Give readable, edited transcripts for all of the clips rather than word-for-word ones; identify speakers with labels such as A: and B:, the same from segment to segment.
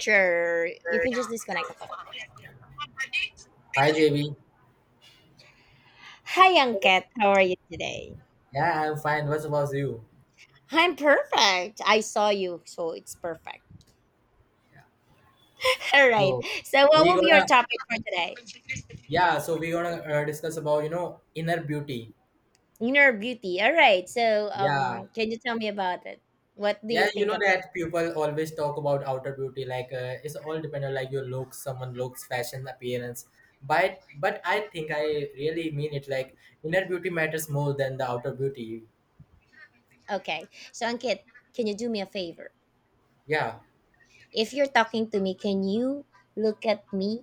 A: Sure, you
B: Hi
A: can just disconnect the call.
B: JB.
A: Hi, Angket. How are you today?
B: Yeah, I'm fine. What about you?
A: I'm perfect. I saw you, so it's perfect. All right.
B: So
A: So, what
B: we
A: will be your
B: gonna
A: topic for today?
B: yeah. So we gonna discuss about inner beauty.
A: Inner beauty. All right. So,
B: Yeah,
A: can you tell me about it? What do
B: yeah.
A: you
B: You
A: think
B: know
A: of?
B: that people always talk about outer beauty. Like it's all depend on like your looks, someone looks, fashion, appearance. But I think I really mean it. Like inner beauty matters more than the outer beauty.
A: Okay. So, Angket, can you do me a favor?
B: Yeah,
A: If you're talking to me, can you look at me?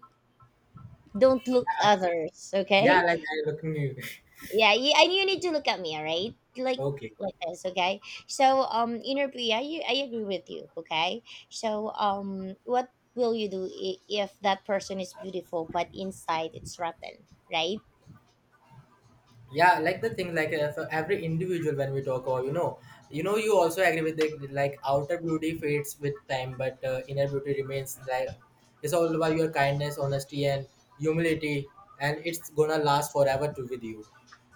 A: Don't look
B: yeah. I-
A: others.
B: yeah,
A: Okay.
B: like I looking you.
A: Yeah, you, and you need to look at me, all right? Like
B: Okay.
A: like this, okay? So inner P, I agree with you, okay? So what will you do if that person is beautiful but inside it's rotten, right?
B: Yeah, like the thing like for every individual when we talk about you also agree with the like outer beauty fades with time but inner beauty remains like it's all about your kindness honesty and humility and it's gonna last forever to with you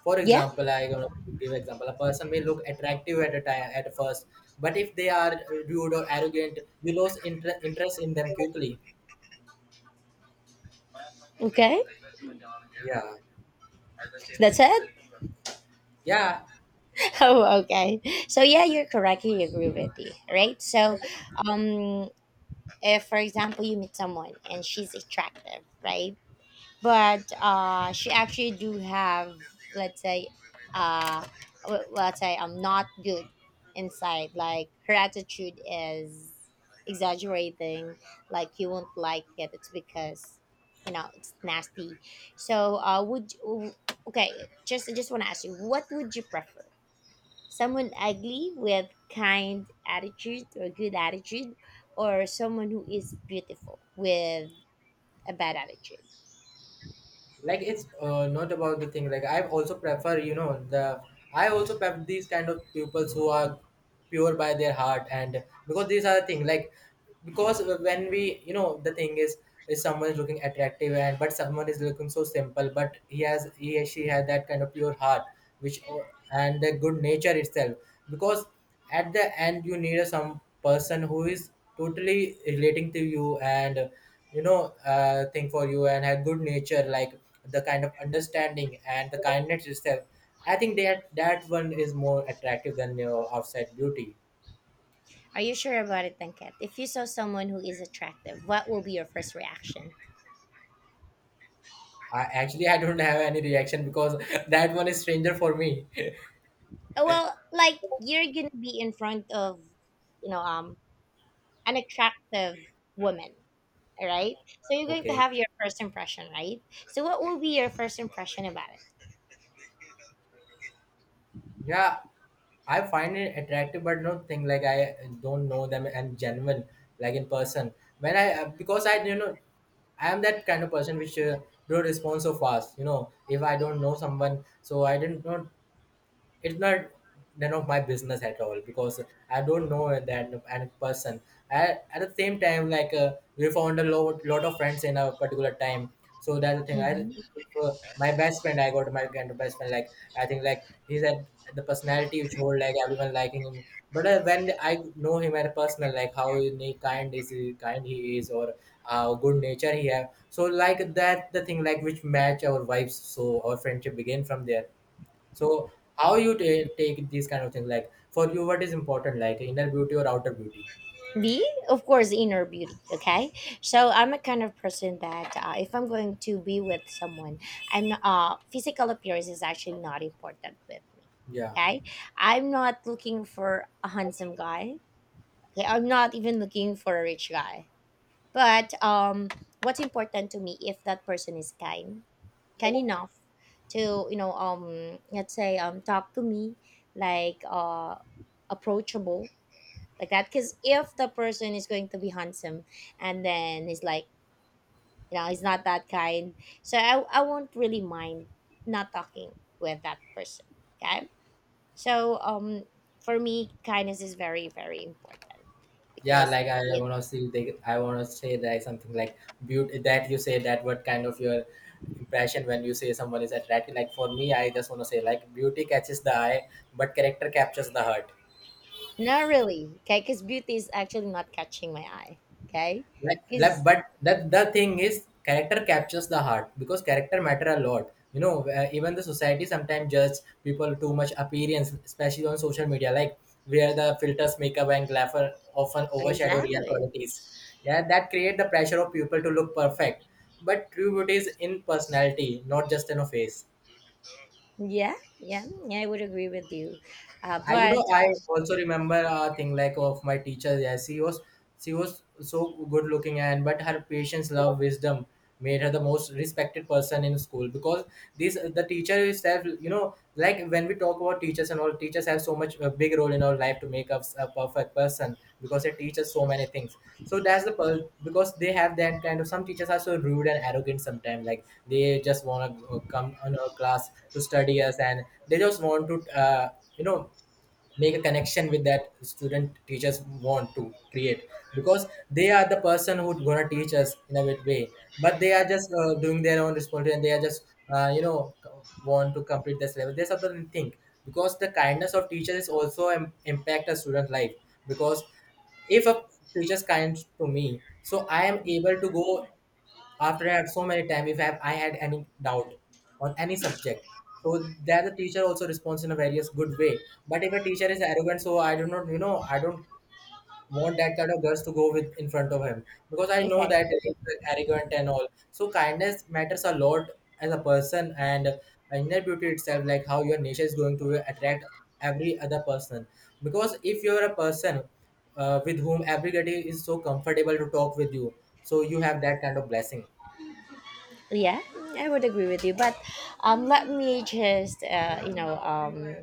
B: for
A: Yeah,
B: example I gonna give example a person may look attractive at a time at first but if they are rude or arrogant you lose interest in them quickly.
A: okay.
B: Yeah.
A: That's it.
B: Yeah,
A: Oh, okay. So yeah, you're correct. You agree with me, right? So um if for example you meet someone and she's attractive, right? But she actually do have let's say uh, let's say I'm not good inside, like her attitude is exaggerating, like you won't like it, it's because you know it's nasty. So okay, just I just want to ask you, what would you prefer? Someone ugly with kind attitude or good attitude, or someone who is beautiful with a bad attitude?
B: like it's not about the thing like I also prefer these kind of pupils who are pure by their heart and because these are the thing like because when we the thing is someone is looking attractive and but someone is looking so simple but he or she has that kind of pure heart which and the good nature itself because at the end you need a some person who is totally relating to you and thing for you and have good nature like the kind of understanding and the kindness itself. I think that that one is more attractive than your outside beauty.
A: Are you sure about it, Tanket? If you saw someone who is attractive, what will be your first reaction?
B: I don't have any reaction because that one is stranger for me.
A: Well, like you're gonna be in front of, you know, an attractive woman, all right? So you're going to
B: Okay.
A: have your first impression, right? So what will be your first impression about
B: Yeah, I find it attractive, but don't think like I don't know them and genuine like in person. When I because I I am that kind of person which don't respond so fast. You know, if I don't know someone, so I didn't know it's not none of my business at all because I don't know that any person. I, at the same time, like we found a lot of friends in a particular time. So that's the thing. I
A: it?
B: if, my best friend, I got my kind of best friend. Like I think like he's at the personality which hold like everyone liking him. But when I know him at a personal, like how kind kind he is, or how good nature he have. So like that the thing like which match our vibes. So our friendship begin from there. So how you take these kind of things? Like for you, what is important? Like inner beauty or outer beauty?
A: Be of course inner beauty, okay? So I'm a kind of person that, if I'm going to be with someone, I'm not, physical appearance is actually not important with me,
B: Yeah,
A: okay? I'm not looking for a handsome guy, okay, I'm not even looking for a rich guy, but what's important to me if that person is kind, kind enough to, you know, let's say, talk to me, like approachable, like that. Because if the person is going to be handsome and then he's like, you know, he's not that kind, so I won't really mind not talking with that person, okay. So for me kindness is very, very important,
B: yeah.
A: because
B: Like I
A: it
B: wanna see. I wanna say that something like beauty that you say that what kind of your impression when you say someone is attractive. Like for me, I just wanna say like beauty catches the eye, but character captures the heart.
A: not really okay because beauty is actually not catching my eye, okay, because
B: But that the thing is character captures the heart because character matter a lot you know even the society sometimes judge people too much appearance especially on social media like where the filters makeup and glamour often overshadow real
A: exactly
B: qualities. Yeah, that create the pressure of people to look perfect but true beauty is in personality not just in a face.
A: yeah, yeah, yeah, I would agree with you.
B: I
A: But
B: I also remember a thing like of my teacher. Yeah, she was so good looking and but her patience, love, wisdom made her the most respected person in school because this the teacher itself you know like when we talk about teachers and all teachers have so much a big role in our life to make us a perfect person because they teach us so many things. So that's the because they have that kind of some teachers are so rude and arrogant sometimes like they just want to come on our class to study us and they just want to you know make a connection with that student teachers want to create because they are the person who's gonna teach us in a good way but they are just doing their own responsibility and they are just uh, you know want to complete this level there's something thing because the kindness of teachers is also impact a student life because if a teacher is kind to me so I am able to go after I had so many time if I had any doubt on any subject. So there the teacher also responds in a various good way. But if a teacher is arrogant, so I do not, you know, I don't want that kind of girls to go with in front of him because I know
A: okay.
B: that he's arrogant and all. So kindness matters a lot as a person and inner beauty itself, like how your nature is going to attract every other person. Because if you're a person with whom everybody is so comfortable to talk with you, so you have that kind of blessing.
A: Yeah, I would agree with you. But let me just, you know,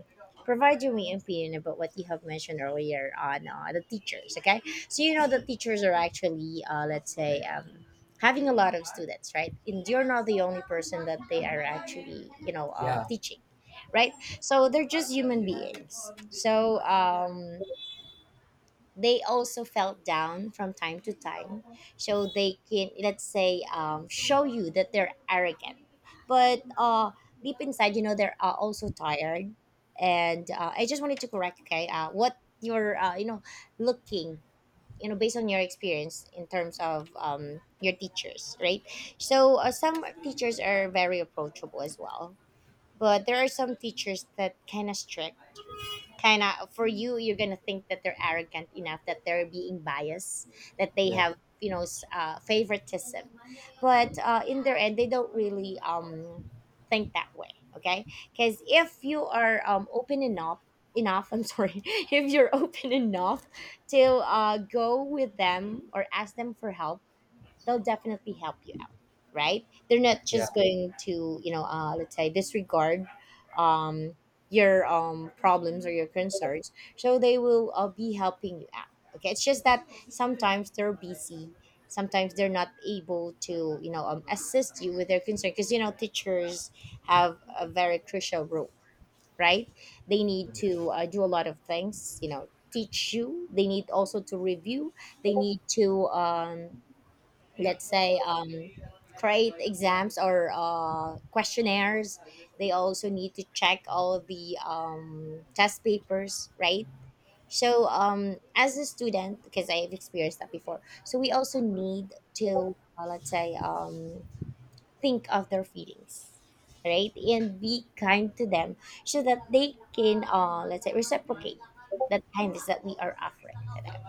A: provide you my opinion about what you have mentioned earlier on, the teachers. Okay, so you know the teachers are actually, let's say, having a lot of students, right? And you're not the only person that they are actually, you know,
B: Yeah,
A: teaching, right? So they're just human beings. So they also felt down from time to time, so they can, let's say, show you that they're arrogant, but deep inside, you know, they're also tired. And I just wanted to correct, okay, what you're, you know, looking, you know, based on your experience in terms of your teachers, right? So some teachers are very approachable as well, but there are some teachers that kind of strict, kind of, for you you're gonna think that they're arrogant enough, that they're being biased, that they have, you know, favoritism. But in their end they don't really think that way, okay. Because if you are open enough I'm sorry if you're open enough to go with them or ask them for help, they'll definitely help you out, right? They're not
B: yeah,
A: just going to, you know, let's say, disregard um, your problems or your concerns, so they will be helping you out, okay. It's just that sometimes they're busy, sometimes they're not able to, you know, assist you with their concern, because you know teachers have a very crucial role, right? They need to do a lot of things, you know, teach you, they need also to review, they need to, let's say, create exams or questionnaires, they also need to check all the test papers, right? So as a student, because I've experienced that before, so we also need to, let's say, think of their feelings, right, and be kind to them, so that they can, let's say, reciprocate that kindness that we are offering to them,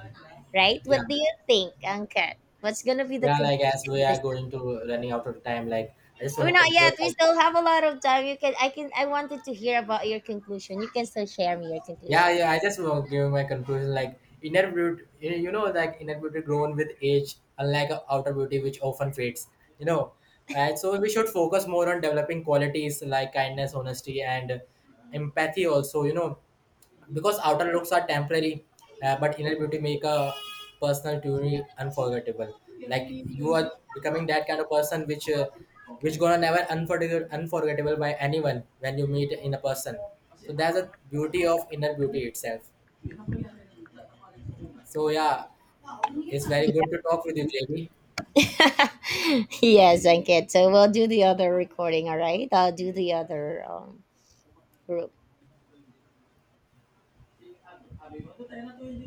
A: right?
B: yeah,
A: What do you think, Angkat? What's gonna be the
B: yeah. Like as
A: conclusion
B: we
A: of
B: are
A: this
B: going
A: topic?
B: to running out of time, like I just want
A: We're
B: to
A: not
B: conclude.
A: yet. We
B: Like
A: still have a lot of time. You can. I can. I wanted to hear about your conclusion. You can still share me your
B: yeah,
A: conclusion.
B: yeah. I just want to give my conclusion. Like inner beauty, you know, like inner beauty grown with age, unlike outer beauty which often fades. You know, and so we should focus more on developing qualities like kindness, honesty, and empathy. Also, you know, because outer looks are temporary but inner beauty make a personal journey unforgettable like you are becoming that kind of person which gonna never unforgettable by anyone when you meet in a person. So that's a beauty of inner beauty itself. So yeah, it's very good to talk with you jb.
A: Yeah. Yes, Angkat. So we'll do the other recording. All right. I'll do the other group.